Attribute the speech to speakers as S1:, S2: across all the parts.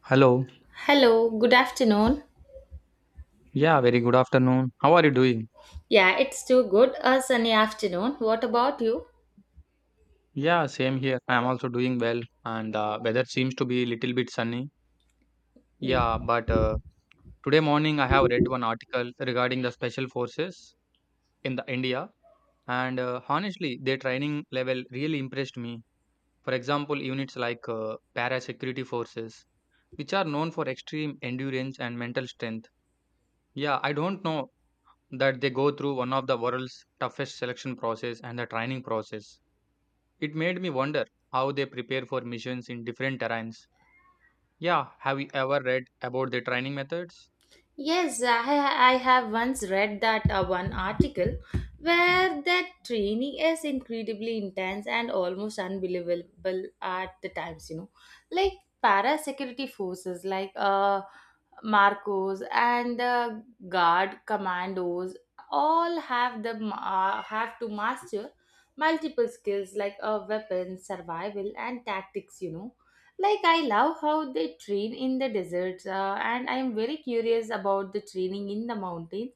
S1: Hello.
S2: Hello, good afternoon.
S1: Yeah, very good afternoon. How are you doing?
S2: Yeah, it's too good. A sunny afternoon. What about you?
S1: Yeah, same here. I am also doing well, and weather seems to be a little bit sunny. Yeah, but today morning I have read one article regarding the special forces in the India, and honestly, their training level really impressed me. For example, units like para security forces, which are known for extreme endurance and mental strength. Yeah, I don't know that they go through one of the world's toughest selection process and the training process. It made me wonder how they prepare for missions in different terrains. Yeah, have you ever read about their training methods?
S2: Yes, I have once read that one article where that training is incredibly intense and almost unbelievable at the times, you know. Like para security forces Marcos and the guard commandos all have have to master multiple skills like weapons, survival and tactics, you know like, I love how they train in the deserts, and I am very curious about the training in the mountains,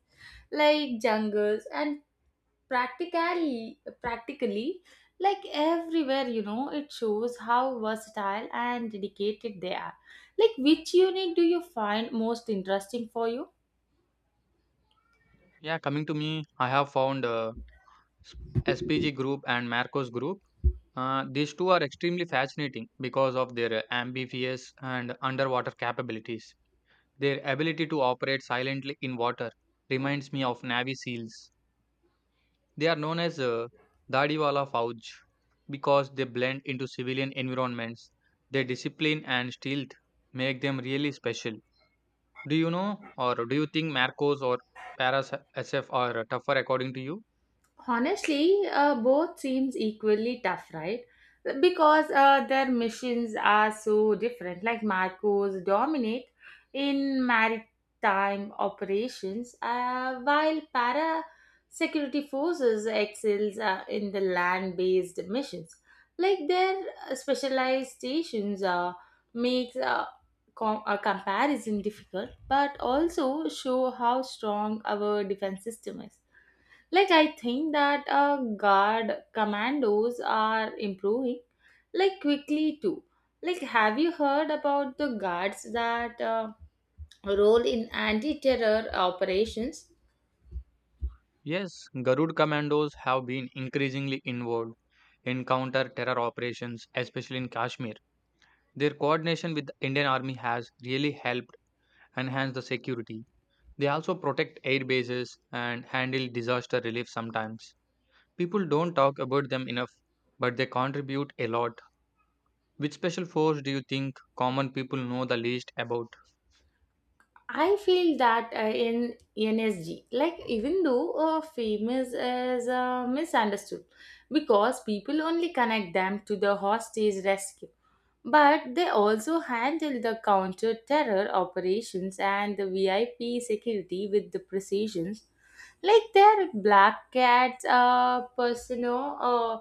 S2: like jungles, and practically, like everywhere, you know, it shows how versatile and dedicated they are. Like, which unit do you find most interesting for you?
S1: Yeah, coming to me, I have found SPG group and Marcos group. These two are extremely fascinating because of their amphibious and underwater capabilities. Their ability to operate silently in water reminds me of Navy SEALs. They are known as Dadiwala Fauj because they blend into civilian environments. Their discipline and stealth make them really special. Do you know, or do you think Marcos or Paras SF are tougher according to you?
S2: Honestly, both seems equally tough, right? Because their missions are so different. Like Marcos dominate in maritime operations, while para security forces excels in the land-based missions. Like their specialized stations makes a comparison difficult, but also show how strong our defense system is. Like I think that guard commandos are improving like quickly too. Like, have you heard about the guards that role in anti-terror operations?
S1: Yes, Garud commandos have been increasingly involved in counter terror operations, especially in Kashmir. Their coordination with the Indian Army has really helped enhance the security. They also protect air bases and handle disaster relief sometimes. People don't talk about them enough, but they contribute a lot. Which special force do you think common people know the least about?
S2: I feel that in NSG, like even though famous is misunderstood because people only connect them to the hostage rescue. But they also handle the counter terror operations and the VIP security with the precision. Like their black cats, persona, uh,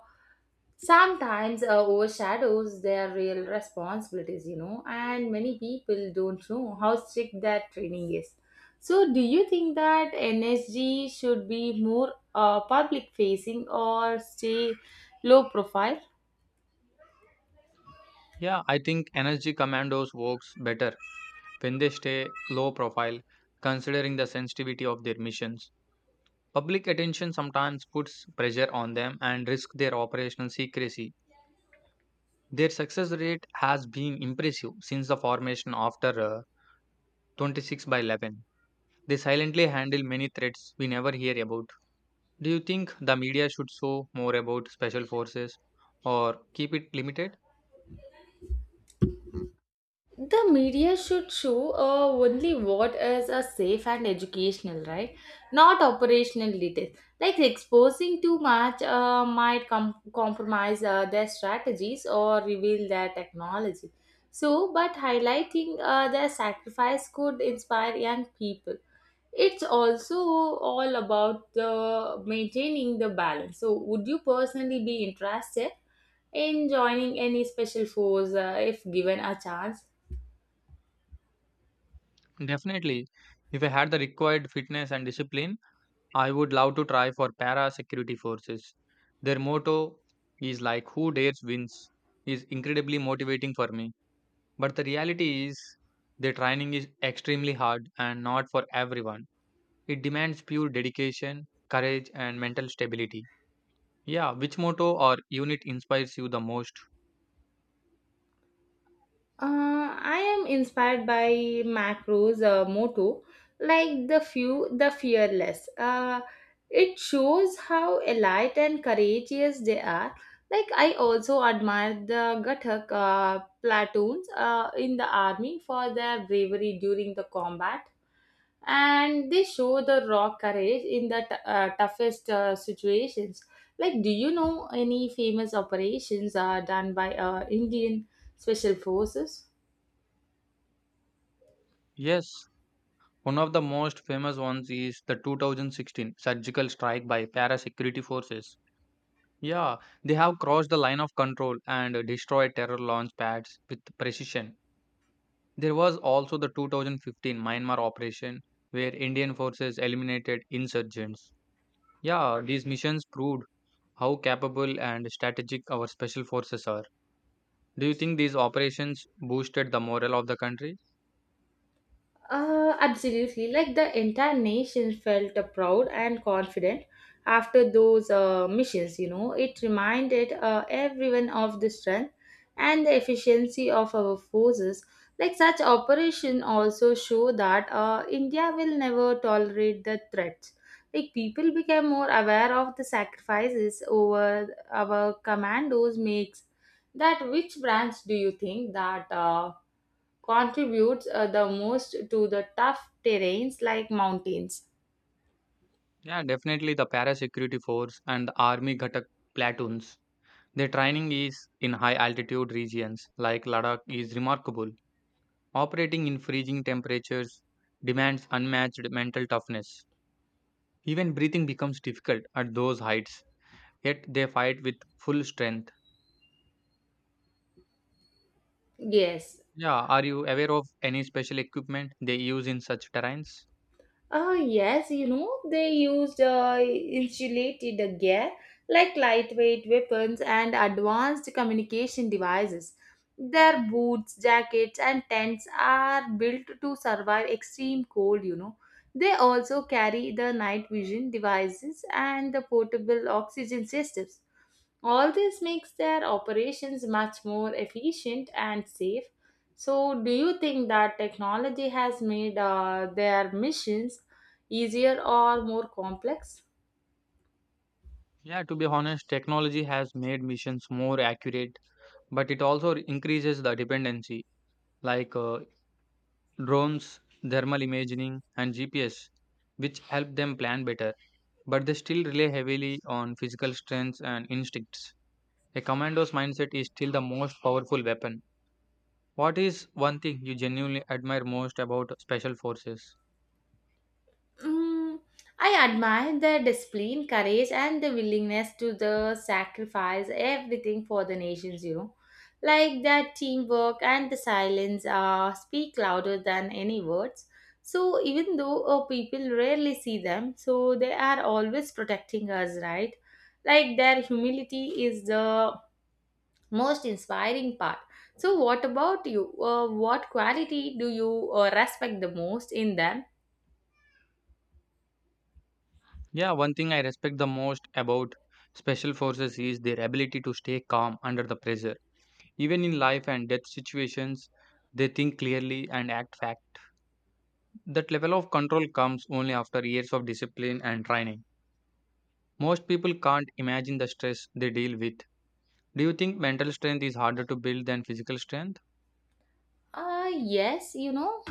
S2: sometimes uh, overshadows their real responsibilities, you know, and many people don't know how strict that training is. So, do you think that NSG should be more public facing or stay low profile?
S1: Yeah, I think energy commandos works better when they stay low profile, considering the sensitivity of their missions. Public attention sometimes puts pressure on them and risks their operational secrecy. Their success rate has been impressive since the formation after 26 by 11. They silently handle many threats we never hear about. Do you think the media should show more about special forces or keep it limited?
S2: The media should show only what is a safe and educational, right? Not operational details. Like exposing too much might compromise their strategies or reveal their technology. So but highlighting their sacrifice could inspire young people. It's also all about the maintaining the balance. So would you personally be interested in joining any special force if given a chance?
S1: Definitely. If I had the required fitness and discipline, I would love to try for para security forces. Their motto is like who dares wins is incredibly motivating for me. But the reality is their training is extremely hard and not for everyone. It demands pure dedication, courage and mental stability. Yeah, which motto or unit inspires you the most?
S2: I am inspired by Macro's motto, like the few, the fearless. It shows how elite and courageous they are. Like I also admire the Gathak platoons in the army for their bravery during the combat, and they show the raw courage in the toughest situations. Like, do you know any famous operations done by Indian special forces?
S1: Yes, one of the most famous ones is the 2016 surgical strike by parasecurity forces. Yeah, they have crossed the line of control and destroyed terror launch pads with precision. There was also the 2015 Myanmar operation where Indian forces eliminated insurgents. Yeah, these missions proved how capable and strategic our special forces are. Do you think these operations boosted the morale of the country?
S2: Absolutely. Like the entire nation felt proud and confident after those missions, you know. It reminded everyone of the strength and the efficiency of our forces. Like such operation also show that India will never tolerate the threats. Like people became more aware of the sacrifices over our commandos makes. That which brands do you think that contributes the most to the tough terrains like mountains?
S1: Yeah, definitely the parasecurity force and the army Ghatak platoons. Their training is in high altitude regions like Ladakh is remarkable. Operating in freezing temperatures demands unmatched mental toughness. Even breathing becomes difficult at those heights, yet they fight with full strength.
S2: Yes.
S1: Yeah, are you aware of any special equipment they use in such terrains?
S2: Yes, you know, they used insulated gear like lightweight weapons and advanced communication devices. Their boots, jackets and tents are built to survive extreme cold, you know. They also carry the night vision devices and the portable oxygen systems. All this makes their operations much more efficient and safe. So, do you think that technology has made their missions easier or more complex?
S1: Yeah, to be honest, technology has made missions more accurate, but it also increases the dependency, like drones, thermal imaging, and GPS, which help them plan better. But they still rely heavily on physical strength and instincts. A commando's mindset is still the most powerful weapon. What is one thing you genuinely admire most about special forces?
S2: Mm, I admire their discipline, courage, and the willingness to the sacrifice everything for the nations. You know, like their teamwork and the silence speak louder than any words. So even though people rarely see them, so they are always protecting us, right? Like their humility is the most inspiring part. So what about you? What quality do you respect the most in them?
S1: Yeah, one thing I respect the most about special forces is their ability to stay calm under the pressure. Even in life and death situations, they think clearly and act fact. That level of control comes only after years of discipline and training. Most people can't imagine the stress they deal with. Do you think mental strength is harder to build than physical strength?
S2: Yes, you know,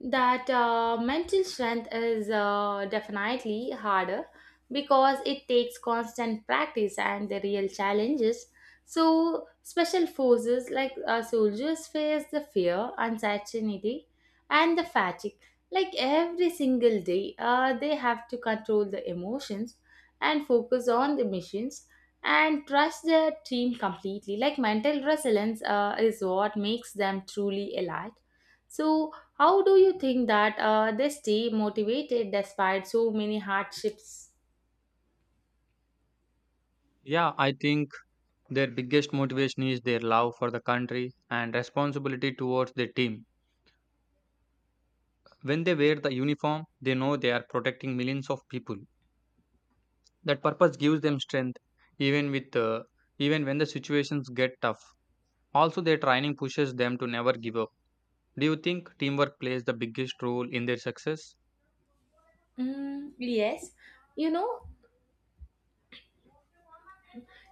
S2: that mental strength is definitely harder because it takes constant practice and the real challenges. So, special forces like soldiers face the fear, uncertainty, and the fatigue. Like every single day, they have to control the emotions and focus on the missions and trust their team completely. Like mental resilience is what makes them truly alive. So, how do you think that they stay motivated despite so many hardships?
S1: Yeah, I think their biggest motivation is their love for the country and responsibility towards their team. When they wear the uniform, they know they are protecting millions of people. That purpose gives them strength even with uh, even when the situations get tough. Also their training pushes them to never give up. Do you think teamwork plays the biggest role in their success?
S2: Mm, yes, you know,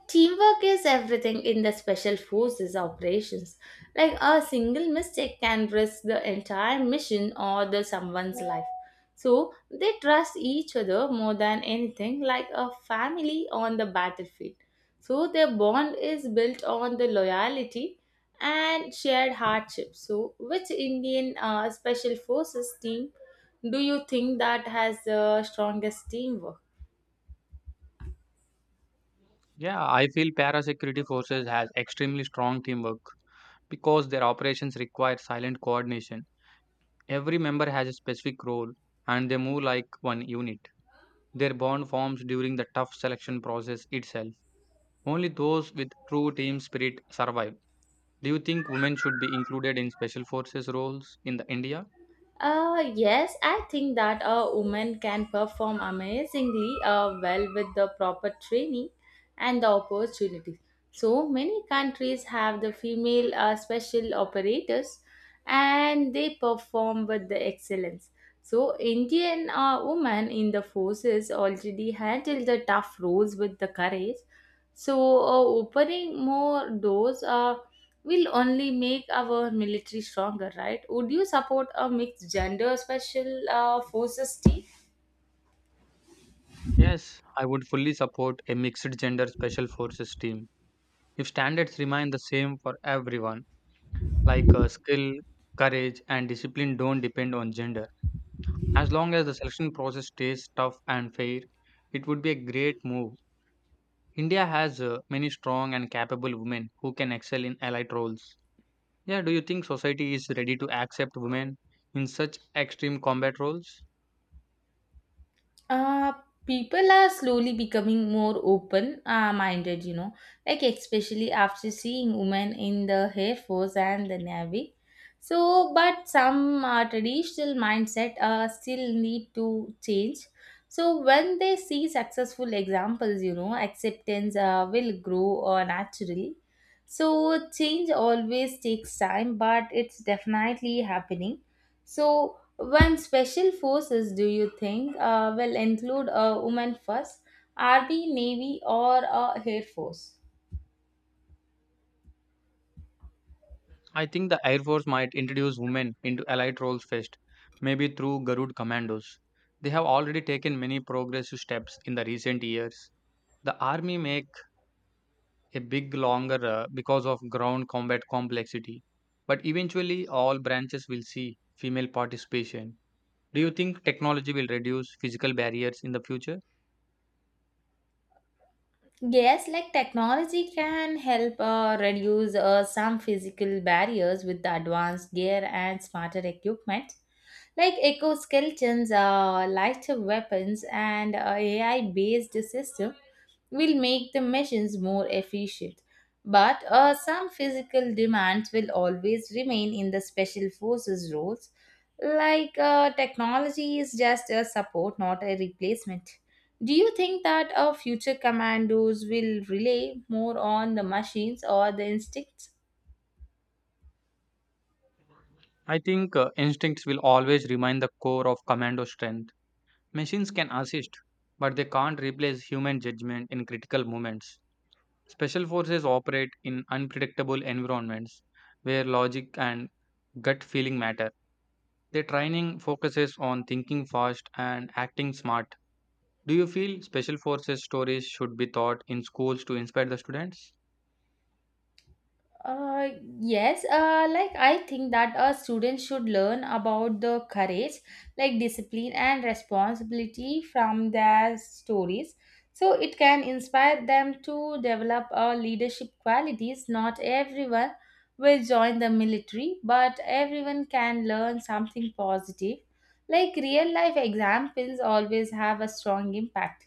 S2: teamwork is everything in the special forces operations. Like a single mistake can risk the entire mission or the someone's life. So they trust each other more than anything like a family on the battlefield. So their bond is built on the loyalty and shared hardship. So which Indian special forces team do you think that has the strongest teamwork?
S1: Yeah, I feel parasecurity forces has extremely strong teamwork because their operations require silent coordination. Every member has a specific role and they move like one unit. Their bond forms during the tough selection process itself. Only those with true team spirit survive. Do you think women should be included in special forces roles in the India?
S2: Yes, I think that a woman can perform amazingly well with the proper training and the opportunities. So many countries have the female special operators and they perform with the excellence. So Indian women in the forces already handle the tough roles with the courage. So opening more doors will only make our military stronger, right? Would you support a mixed gender special forces team?
S1: Yes, I would fully support a mixed gender special forces team. If standards remain the same for everyone, like skill, courage, and discipline don't depend on gender. As long as the selection process stays tough and fair, it would be a great move. India has many strong and capable women who can excel in allied roles. Yeah, do you think society is ready to accept women in such extreme combat roles?
S2: Uh, People are slowly becoming more open minded, you know, like especially after seeing women in the Air Force and the Navy. So, but some traditional mindset still need to change. So, when they see successful examples, you know, acceptance will grow naturally. So, change always takes time, but it's definitely happening. So, when special forces, do you think, will include a woman first? Army, Navy, or Air Force?
S1: I think the Air Force might introduce women into allied roles first, maybe through Garud commandos. They have already taken many progressive steps in the recent years. The army make a big longer because of ground combat complexity, but eventually all branches will see female participation. Do you think technology will reduce physical barriers in the future?
S2: Yes, like technology can help reduce some physical barriers with the advanced gear and smarter equipment. Like exoskeletons, lighter weapons, and AI based system will make the missions more efficient. But some physical demands will always remain in the special forces roles. Like technology is just a support, not a replacement. Do you think that our future commandos will rely more on the machines or the instincts?
S1: I think instincts will always remain the core of commando strength. Machines can assist, but they can't replace human judgment in critical moments. Special forces operate in unpredictable environments where logic and gut feeling matter. Their training focuses on thinking fast and acting smart. Do you feel special forces stories should be taught in schools to inspire the students?
S2: Uh, yes, like I think that a student should learn about the courage, like discipline and responsibility from their stories. So it can inspire them to develop leadership qualities. Not everyone will join the military, but everyone can learn something positive. Like real life examples always have a strong impact.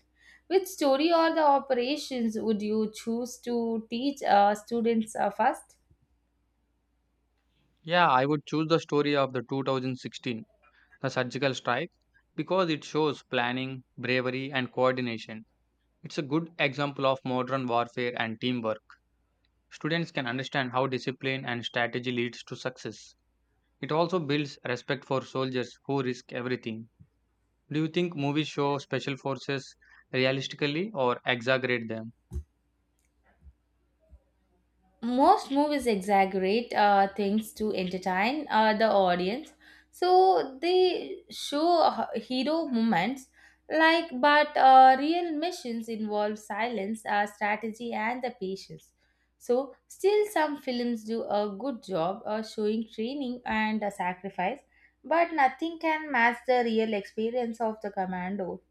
S2: Which story or the operations would you choose to teach students first?
S1: Yeah, I would choose the story of the 2016 the surgical strike because it shows planning, bravery, and coordination. It's a good example of modern warfare and teamwork. Students can understand how discipline and strategy leads to success. It also builds respect for soldiers who risk everything. Do you think movies show special forces realistically or exaggerate them?
S2: Most movies exaggerate things to entertain the audience. So they show hero moments. Like, but real missions involve silence, strategy and the patience. So still some films do a good job showing training and sacrifice, but nothing can match the real experience of the commando.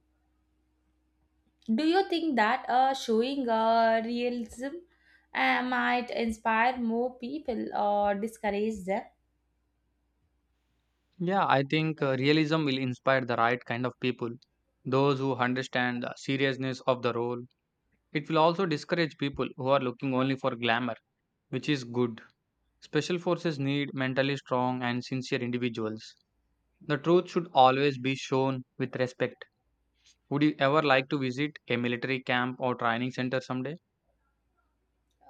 S2: Do you think that showing realism might inspire more people or discourage them?
S1: Yeah, I think realism will inspire the right kind of people, those who understand the seriousness of the role. It will also discourage people who are looking only for glamour, which is good. Special forces need mentally strong and sincere individuals. The truth should always be shown with respect. Would you ever like to visit a military camp or training center someday?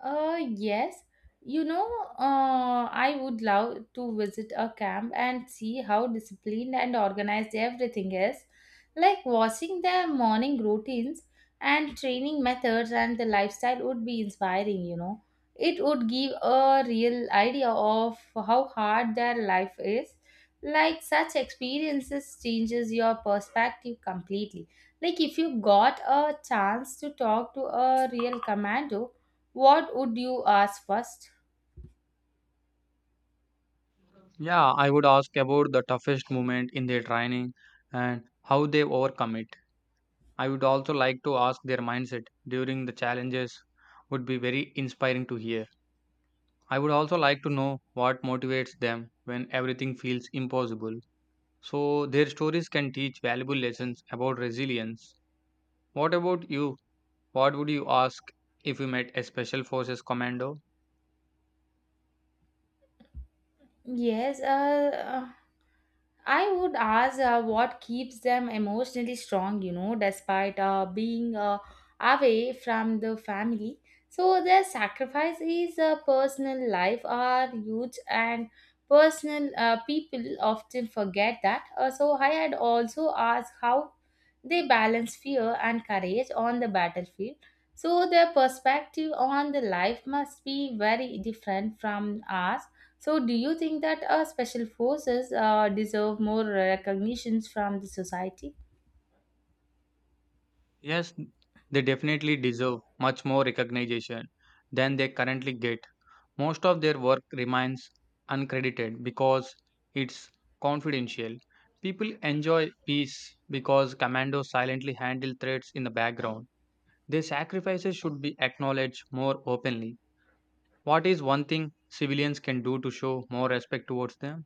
S2: Yes. You know, I would love to visit a camp and see how disciplined and organized everything is. Like watching their morning routines and training methods and the lifestyle would be inspiring, you know. It would give a real idea of how hard their life is. Like such experiences changes your perspective completely. Like if you got a chance to talk to a real commando, what would you ask first?
S1: Yeah, I would ask about the toughest moment in their training and how they overcome it. I would also like to ask their mindset during the challenges would be very inspiring to hear. I would also like to know what motivates them when everything feels impossible. So their stories can teach valuable lessons about resilience. What about you? What would you ask if you met a Special Forces commando?
S2: Yes, uh, I would ask what keeps them emotionally strong, you know, despite being away from the family. So their sacrifice is personal life are huge and personal, people often forget that. So I had also asked how they balance fear and courage on the battlefield. So their perspective on the life must be very different from ours. So, do you think that special forces deserve more recognitions from the society?
S1: Yes, they definitely deserve much more recognition than they currently get. Most of their work remains uncredited because it's confidential. People enjoy peace because commandos silently handle threats in the background. Their sacrifices should be acknowledged more openly. What is one thing civilians can do to show more respect towards them?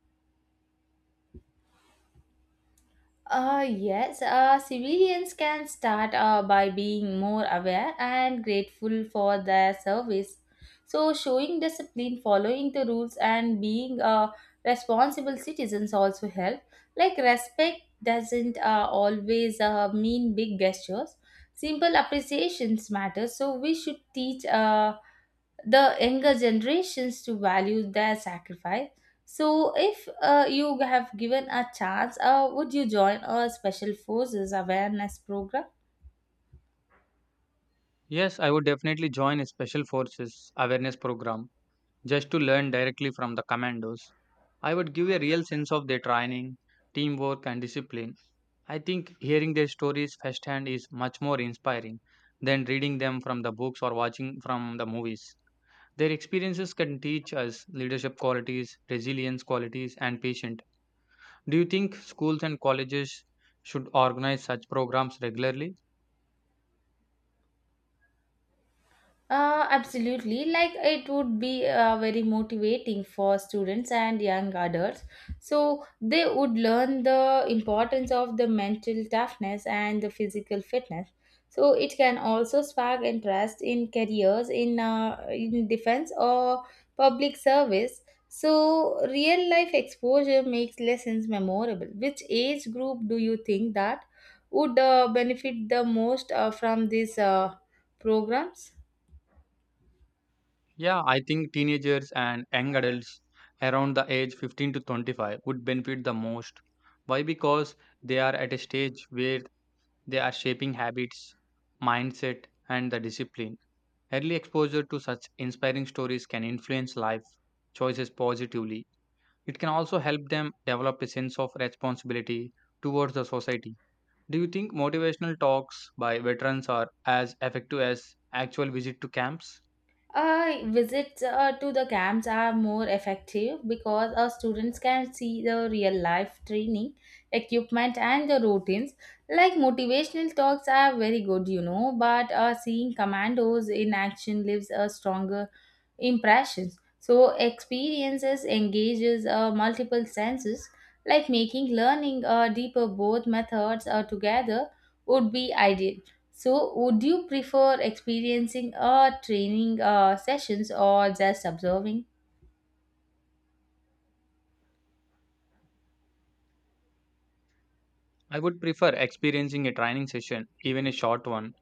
S2: Yes, civilians can start by being more aware and grateful for their service. So, showing discipline, following the rules, and being responsible citizens also help. Like, respect doesn't always mean big gestures, simple appreciations matter. So, we should teach. The younger generations to value their sacrifice. So, if you have given a chance, would you join a special forces awareness program?
S1: Yes, I would definitely join a special forces awareness program just to learn directly from the commandos. I would give a real sense of their training, teamwork, and discipline. I think hearing their stories firsthand is much more inspiring than reading them from the books or watching from the movies. Their experiences can teach us leadership qualities, resilience qualities, and patience. Do you think schools and colleges should organize such programs regularly?
S2: Absolutely. Like it would be very motivating for students and young adults. So they would learn the importance of the mental toughness and the physical fitness. So it can also spark interest in careers in defense or public service. So real life exposure makes lessons memorable. Which age group do you think that would benefit the most from these programs?
S1: Yeah, I think teenagers and young adults around the age 15 to 25 would benefit the most. Why? Because they are at a stage where they are shaping habits, mindset, and the discipline. Early exposure to such inspiring stories can influence life choices positively. It can also help them develop a sense of responsibility towards the society. Do you think motivational talks by veterans are as effective as actual visit to camps?
S2: Visits to the camps are more effective because our students can see the real life training, equipment, and the routines. Like motivational talks are very good, you know, but seeing commandos in action leaves a stronger impressions. So, experiences engages multiple senses, like making learning deeper. Both methods together would be ideal. So, would you prefer experiencing a training sessions or just observing?
S1: I would prefer experiencing a training session, even a short one.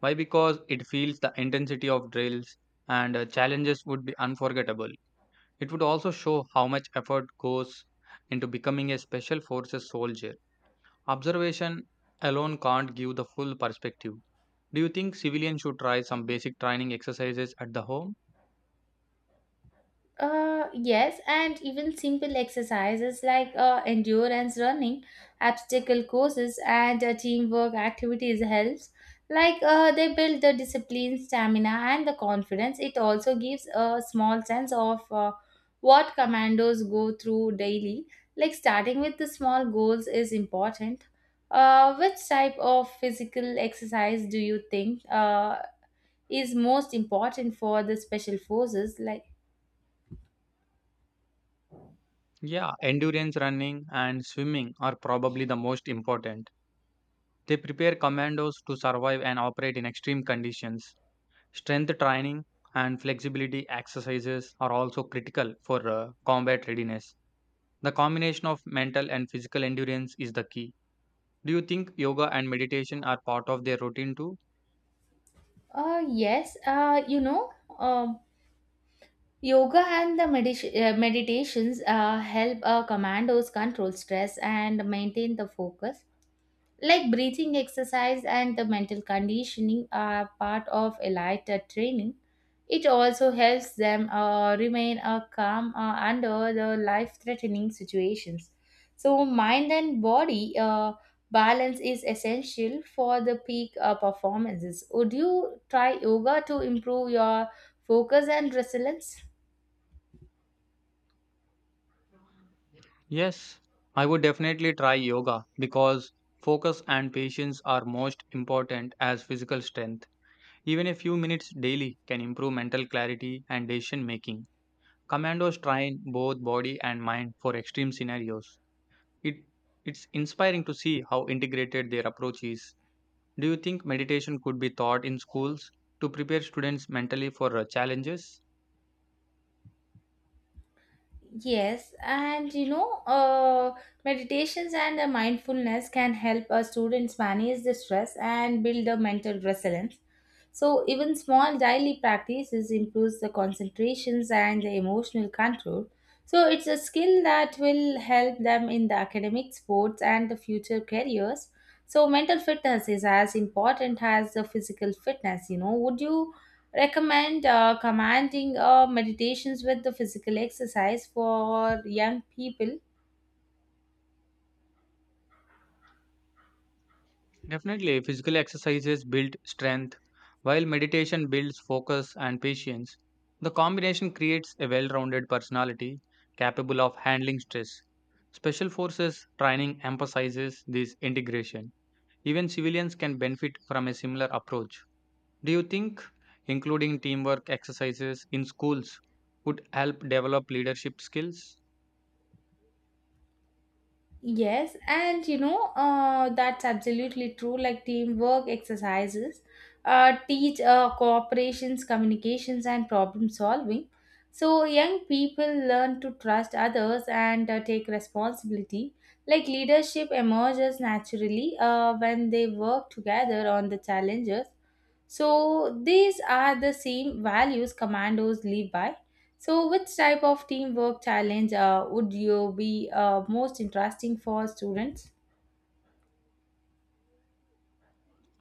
S1: Why? Because it feels the intensity of drills and challenges would be unforgettable. It would also show how much effort goes into becoming a special forces soldier. Observation alone can't give the full perspective. Do you think civilians should try some basic training exercises at the home?
S2: Yes, and even simple exercises like endurance running, obstacle courses, and teamwork activities helps. Like they build the discipline, stamina, and the confidence. It also gives a small sense of what commandos go through daily. Like starting with the small goals is important. Which type of physical exercise do you think is most important for the special forces?
S1: Yeah, endurance running and swimming are probably the most important. They prepare commandos to survive and operate in extreme conditions. Strength training and flexibility exercises are also critical for combat readiness. The combination of mental and physical endurance is the key. Do you think yoga and meditation are part of their routine too?
S2: Yes, um, yoga and the meditations help commandos control stress and maintain the focus. Like breathing exercise and the mental conditioning are part of a lighter training. It also helps them remain calm under the life threatening situations. So, mind and body balance is essential for the peak performances. Would you try yoga to improve your focus and resilience?
S1: Yes, I would definitely try yoga because focus and patience are most important as physical strength. Even a few minutes daily can improve mental clarity and decision making. Commandos train both body and mind for extreme scenarios. It it's inspiring to see how integrated their approach is. Do you think meditation could be taught in schools to prepare students mentally for challenges?
S2: Yes, and you know, meditations and mindfulness can help our students manage the stress and build a mental resilience. So, even small daily practices improves the concentrations and the emotional control. So, it's a skill that will help them in the academic, sports, and the future careers. So, mental fitness is as important as the physical fitness. You know, would you recommend commanding meditations with the physical exercise for young people?
S1: Definitely, physical exercises build strength, while meditation builds focus and patience. The combination creates a well-rounded personality capable of handling stress. Special forces training emphasizes this integration. Even civilians can benefit from a similar approach. Do you think including teamwork exercises in schools would help develop leadership skills?
S2: Yes, and you know, that's absolutely true. Like teamwork exercises teach cooperations, communications, and problem solving. So, young people learn to trust others and take responsibility. Like leadership emerges naturally when they work together on the challenges. So, these are the same values commandos live by, so, which type of teamwork challenge would you be most interesting for students?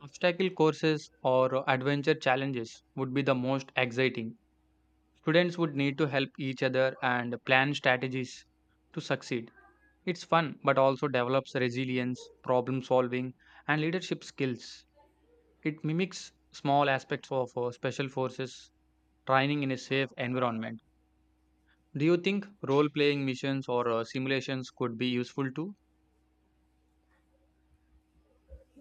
S1: Obstacle courses or adventure challenges would be the most exciting. Students would need to help each other and plan strategies to succeed. It's fun but also develops resilience, problem solving, and leadership skills. It mimics small aspects of special forces training in a safe environment. Do you think role playing missions or simulations could be useful too?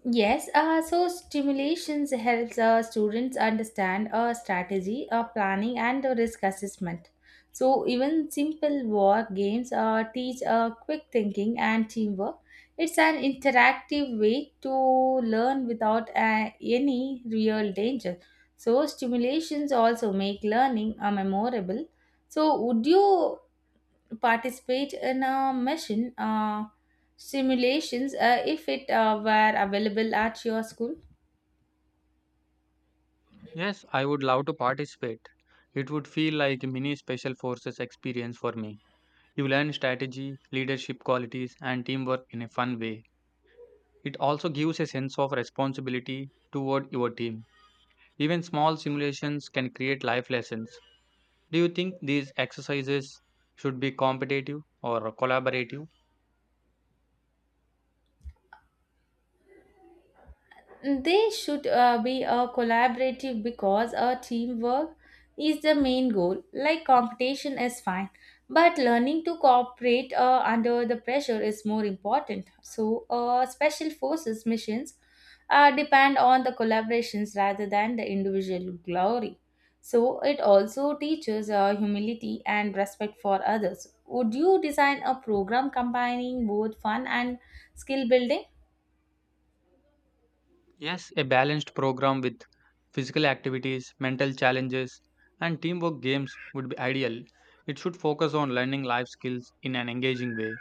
S2: Yes, so stimulations helps students understand strategy, planning, and risk assessment. So even simple war games teach quick thinking and teamwork. It's an interactive way to learn without any real danger. So stimulations also make learning memorable. So would you participate in a mission simulations if it were available at your school?
S1: Yes, I would love to participate. It would feel like a mini special forces experience for me. You learn strategy, leadership qualities, and teamwork in a fun way. It also gives a sense of responsibility toward your team. Even small simulations can create life lessons. Do you think these exercises should be competitive or collaborative?
S2: They should be a collaborative because a teamwork is the main goal. Like competition is fine, but learning to cooperate under the pressure is more important. So, special forces missions depend on the collaborations rather than the individual glory. So, it also teaches humility and respect for others. Would you design a program combining both fun and skill building?
S1: Yes, a balanced program with physical activities, mental challenges, and teamwork games would be ideal. It should focus on learning life skills in an engaging way.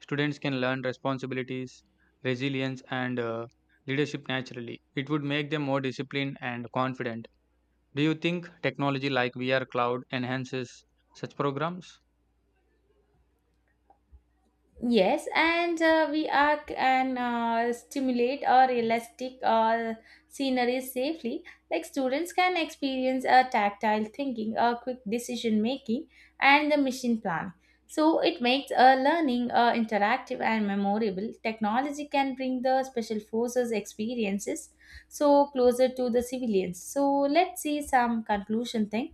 S1: Students can learn responsibilities, resilience, and leadership naturally. It would make them more disciplined and confident. Do you think technology like VR Cloud enhances such programs?
S2: Yes, and we are can stimulate or realistic scenery safely. Like students can experience a tactile thinking, a quick decision making, and the mission plan. So it makes learning interactive and memorable. Technology can bring the special forces experiences so closer to the civilians. So let's see some conclusion thing.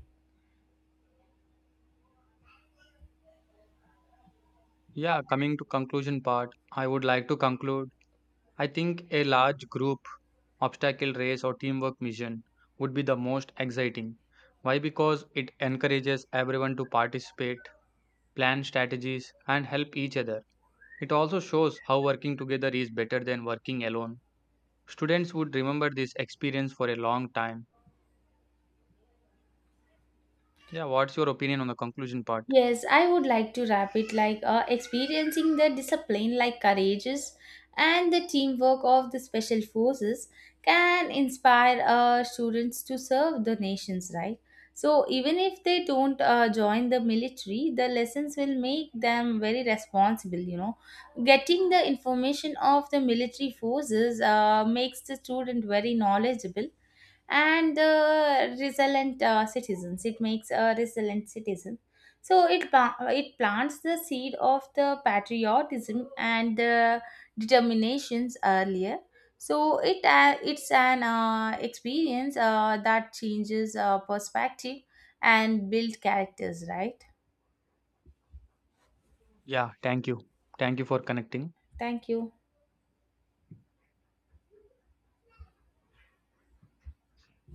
S1: Yeah, coming to conclusion part, I would like to conclude. I think a large group obstacle race, or teamwork mission would be the most exciting. Why? Because it encourages everyone to participate, plan strategies, and help each other. It also shows how working together is better than working alone. Students would remember this experience for a long time. Yeah, what's your opinion on the conclusion part?
S2: Yes, I would like to wrap it like experiencing the discipline like courageous and the teamwork of the special forces can inspire students to serve the nations, right? So even if they don't join the military, the lessons will make them very responsible. You know, getting the information of the military forces makes the student very knowledgeable and the resilient citizens, it makes a resilient citizen, so it plants the seed of the patriotism and the determinations earlier, so it it's an experience that changes perspective and build characters, right?
S1: Yeah, thank you. Thank you for connecting.
S2: Thank you.